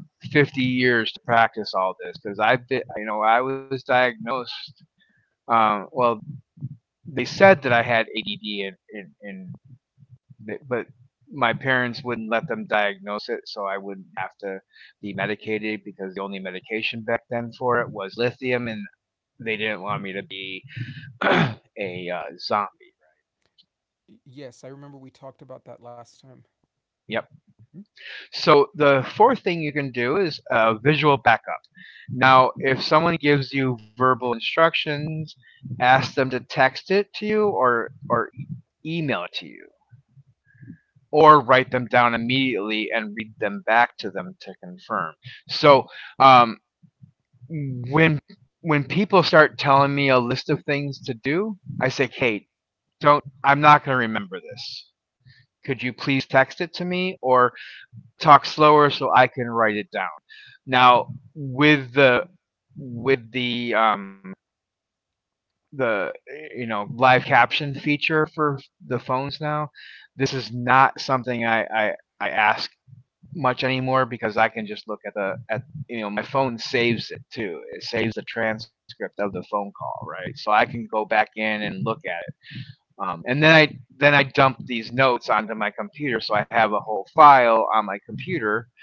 50 years to practice all this because I've been, you know, I was diagnosed. Well, they said that I had ADD, but my parents wouldn't let them diagnose it, so I wouldn't have to be medicated because the only medication back then for it was lithium, and they didn't want me to be a zombie.
Yes, I remember we talked about that last time.
Yep. So the fourth thing you can do is visual backup. Now, if someone gives you verbal instructions, ask them to text it to you or email it to you, or write them down immediately and read them back to them to confirm. So um, when people start telling me a list of things to do, I say, "Kate, don't. I'm not going to remember this. Could you please text it to me or talk slower so I can write it down?" Now with the with the um, the you know, live caption feature for the phones now, this is not something I ask much anymore because I can just look at the, at, you know, my phone saves it too. It saves the transcript of the phone call, right? So I can go back in and look at it. And then I, dump these notes onto my computer, so I have a whole file on my computer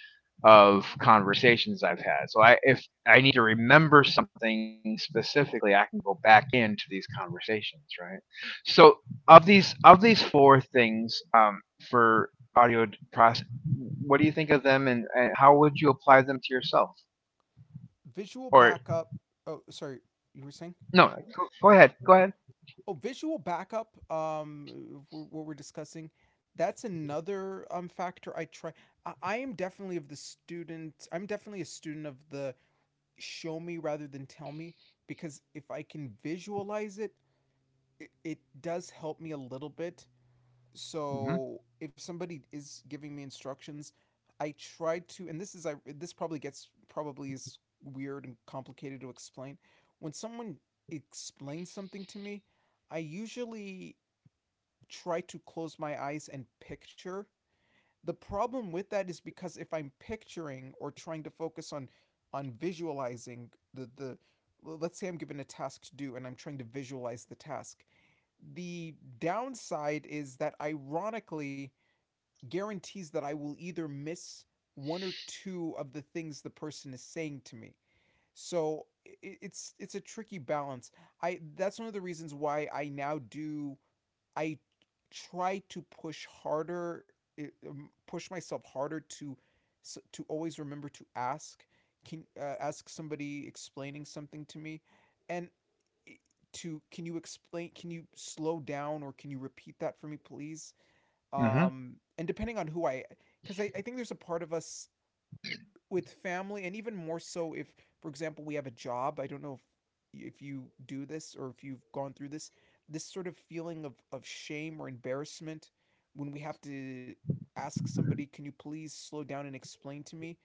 of conversations I've had. So I, if I need to remember something specifically, I can go back into these conversations, right? So of these four things, for audio process, what do you think of them, and how would you apply them to yourself?
Visual
Or
backup. Oh, sorry, you were saying?
no, go ahead, go ahead.
Oh, visual backup. What we're discussing. That's another factor I try. I am definitely of the student. I'm definitely a student of the show me rather than tell me, because if I can visualize it, it, it does help me a little bit.
Hmm.
So if somebody is giving me instructions, I tried to, and this is I this probably gets probably is weird and complicated to explain. When someone explains something to me, I usually try to close my eyes and picture. The problem with that is because if I'm picturing or trying to focus on visualizing the let's say I'm given a task to do and I'm trying to visualize the task. The downside is that ironically guarantees that I will either miss one or two of the things the person is saying to me. So it's a tricky balance. I that's one of the reasons why I now do I try to push harder, push myself harder to always remember to ask can ask somebody explaining something to me and to can you explain, can you slow down, or can you repeat that for me please,
Hmm.
and depending on who i, because I think there's a part of us with family and even more so if for example we have a job. I don't know if you do this or if you've gone through this, this sort of feeling of shame or embarrassment when we have to ask somebody can you please slow down and explain to me,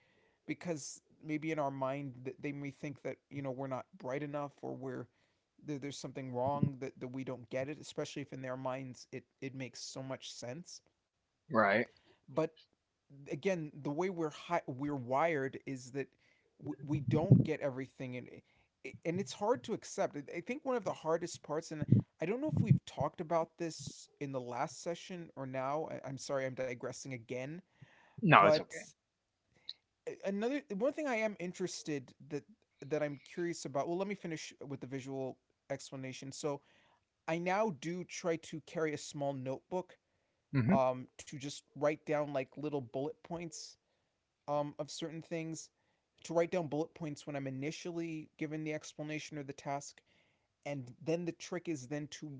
because maybe in our mind that they may think that you know we're not bright enough or we're there's something wrong that, that we don't get it, especially if in their minds it it makes so much sense.
Right.
But again, the way we're wired is that we don't get everything, and it's hard to accept. I I think one of the hardest parts, and I don't know if we've talked about this in the last session or now. I I'm sorry, I'm digressing again.
No, it's okay.
But another one thing I am interested that that I'm curious about. Well, let me finish with the visual explanation. So I now do try to carry a small notebook,
Hmm.
to just write down like little bullet points, of certain things, to write down bullet points when I'm initially given the explanation or the task, and then the trick is then to,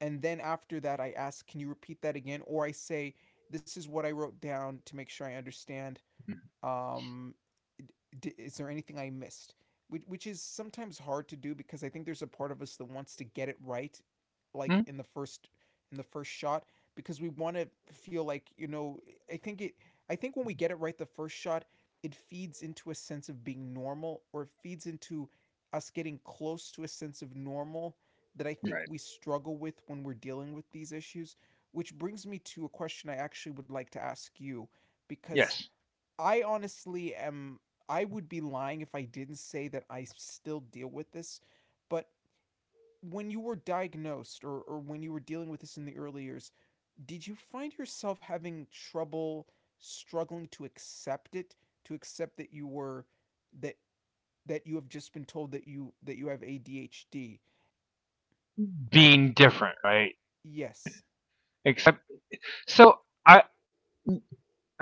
and then after that I ask, can you repeat that again? Or I say, this is what I wrote down to make sure I understand, um, is there anything I missed? Which is sometimes hard to do, because I think there's a part of us that wants to get it right, like in the first shot, because we want to feel like you know. I think it. I think when we get it right the first shot, it feeds into a sense of being normal, or it feeds into us getting close to a sense of normal that I
Right.
think we struggle with when we're dealing with these issues. Which brings me to a question I actually would like to ask you, because
Yes.
I honestly am. I would be lying if I didn't say that I still deal with this. But when you were diagnosed or when you were dealing with this in the early years, did you find yourself having trouble struggling to accept it, to accept that you were that that you have just been told that you have ADHD?
Being different, right?
Yes,
Except so I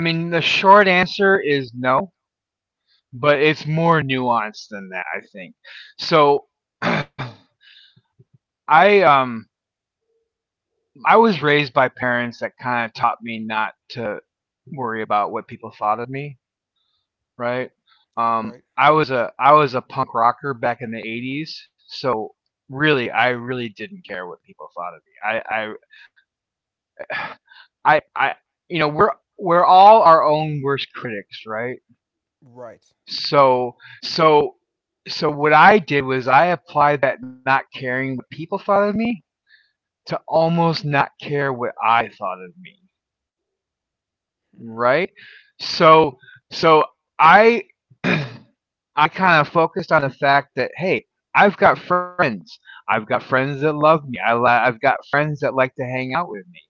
I mean, the short answer is no, but it's more nuanced than that, I think. So I um I was raised by parents that kind of taught me not to worry about what people thought of me, right?
right?
I was a punk rocker back in the '80s, so really, I really didn't care what people thought of me. I I, I we're all our own worst critics, right?
Right.
So so so what I did was I applied that not caring what people thought of me to almost not care what I thought of me,
Mm-mm.
right? So so I I kind of focused on the fact that hey, I've got friends. I've got friends that love me. I've got friends that like to hang out with me.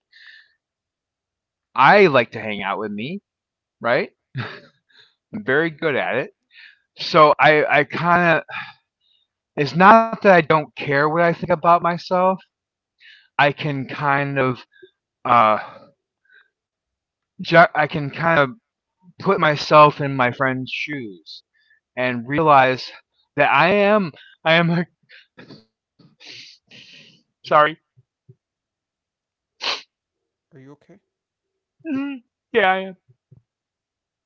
I like to hang out with me, right? I'm very good at it. So I kind of, it's not that I don't care what I think about myself. I can kind of, uh, I can kind of put myself in my friend's shoes and realize that I am, I am a, sorry.
Are you okay?
Mhm. Yeah, I am.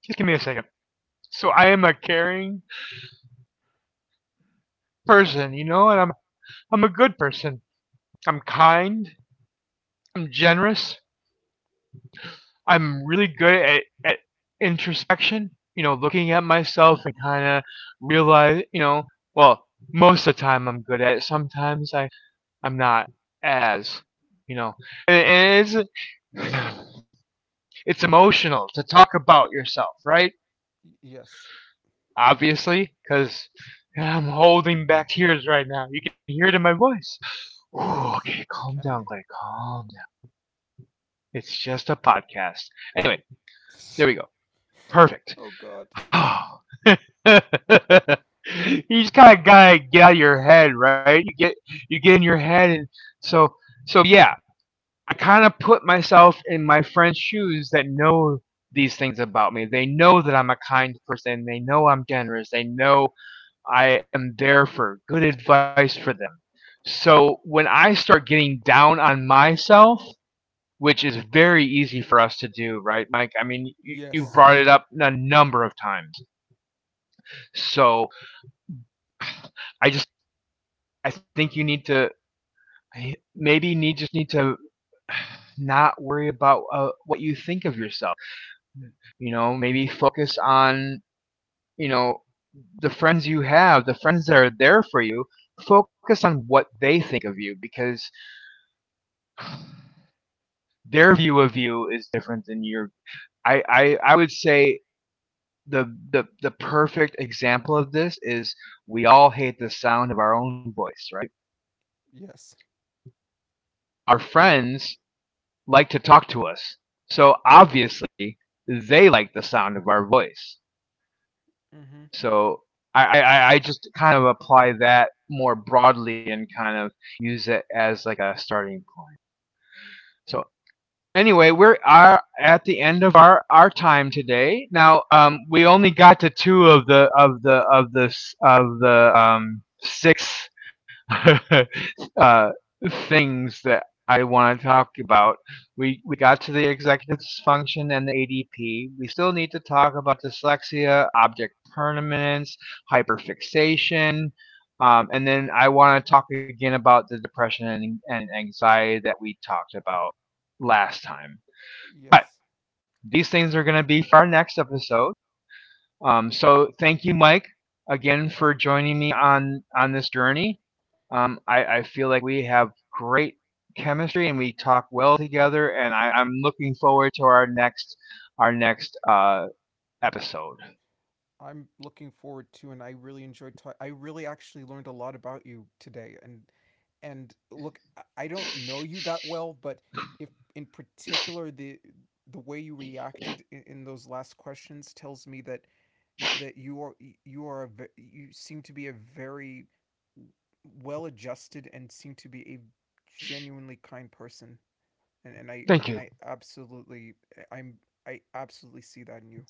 Just give me a second. So I am a caring person, you know, and I'm a good person. I'm kind. I'm generous. I'm really good at introspection. You know, looking at myself and kind of realize, you know, well, most of the time I'm good at it. Sometimes I'm not as, you know, and, it's it's emotional to talk about yourself, right?
Y- yes.
Obviously, because I'm holding back tears right now. You can hear it in my voice. Ooh,
Yes,
okay,
I
calm
can.
down, Clay. Calm down. It's just a podcast. Anyway, there we go.
oh
Perfect.
god.
Oh. you just kind of gotta get out of your head, right? You get in your head, and so so yeah. I kind of put myself in my friend's shoes that know these things about me. They know that I'm a kind person. They know I'm generous. They know I am there for good advice for them. So when I start getting down on myself, which is very easy for us to do, right, Mike? I mean, you
Yes.
brought it up a number of times. So I just I think you need to maybe you need just need to not worry about what you think of yourself. You know, maybe focus on you know the friends you have, the friends that are there for you. Focus on what they think of you because their view of you is different than your I would say the the perfect example of this is we all hate the sound of our own voice, right?
Yes.
Our
We.
friends like to talk to us. So obviously they like the sound of our voice.
Mm-hmm.
So I just kind of apply that more broadly and kind of use it as like a starting point. So anyway, we're are at the end of our time today. Now, we only got to two of the six uh things that I want to talk about. We got to the executive function and the ADP. We still need to talk about dyslexia, object permanence, hyperfixation, and then I want to talk again about the depression and anxiety that we talked about last time. But
Yes.
these things are going to be for our next episode. So thank you, Mike, again for joining me on this journey. I feel like we have great chemistry and we talk well together, and I'm looking forward to our next episode.
I'm looking forward to, and I really enjoyed. Ta- I really actually learned a lot about you today, and look, I I don't know you that well, but if in particular the way you reacted in those last questions tells me that that you are a, you seem to be a very well adjusted and seem to be a genuinely kind person,
Thank
and
you.
I absolutely I'm I absolutely see that in you.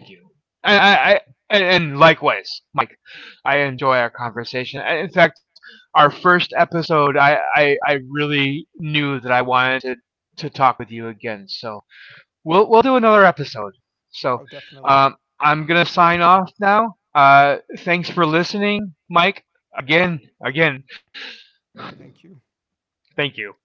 Thank you. I, I, I and, likewise, Mike. I enjoy our conversation. In fact, our first episode, I really knew that I wanted to talk with you again. So we'll do another episode. So
Oh, definitely.
I'm gonna sign off now. Thanks for listening, Mike. Again,
Thank you.
thank you.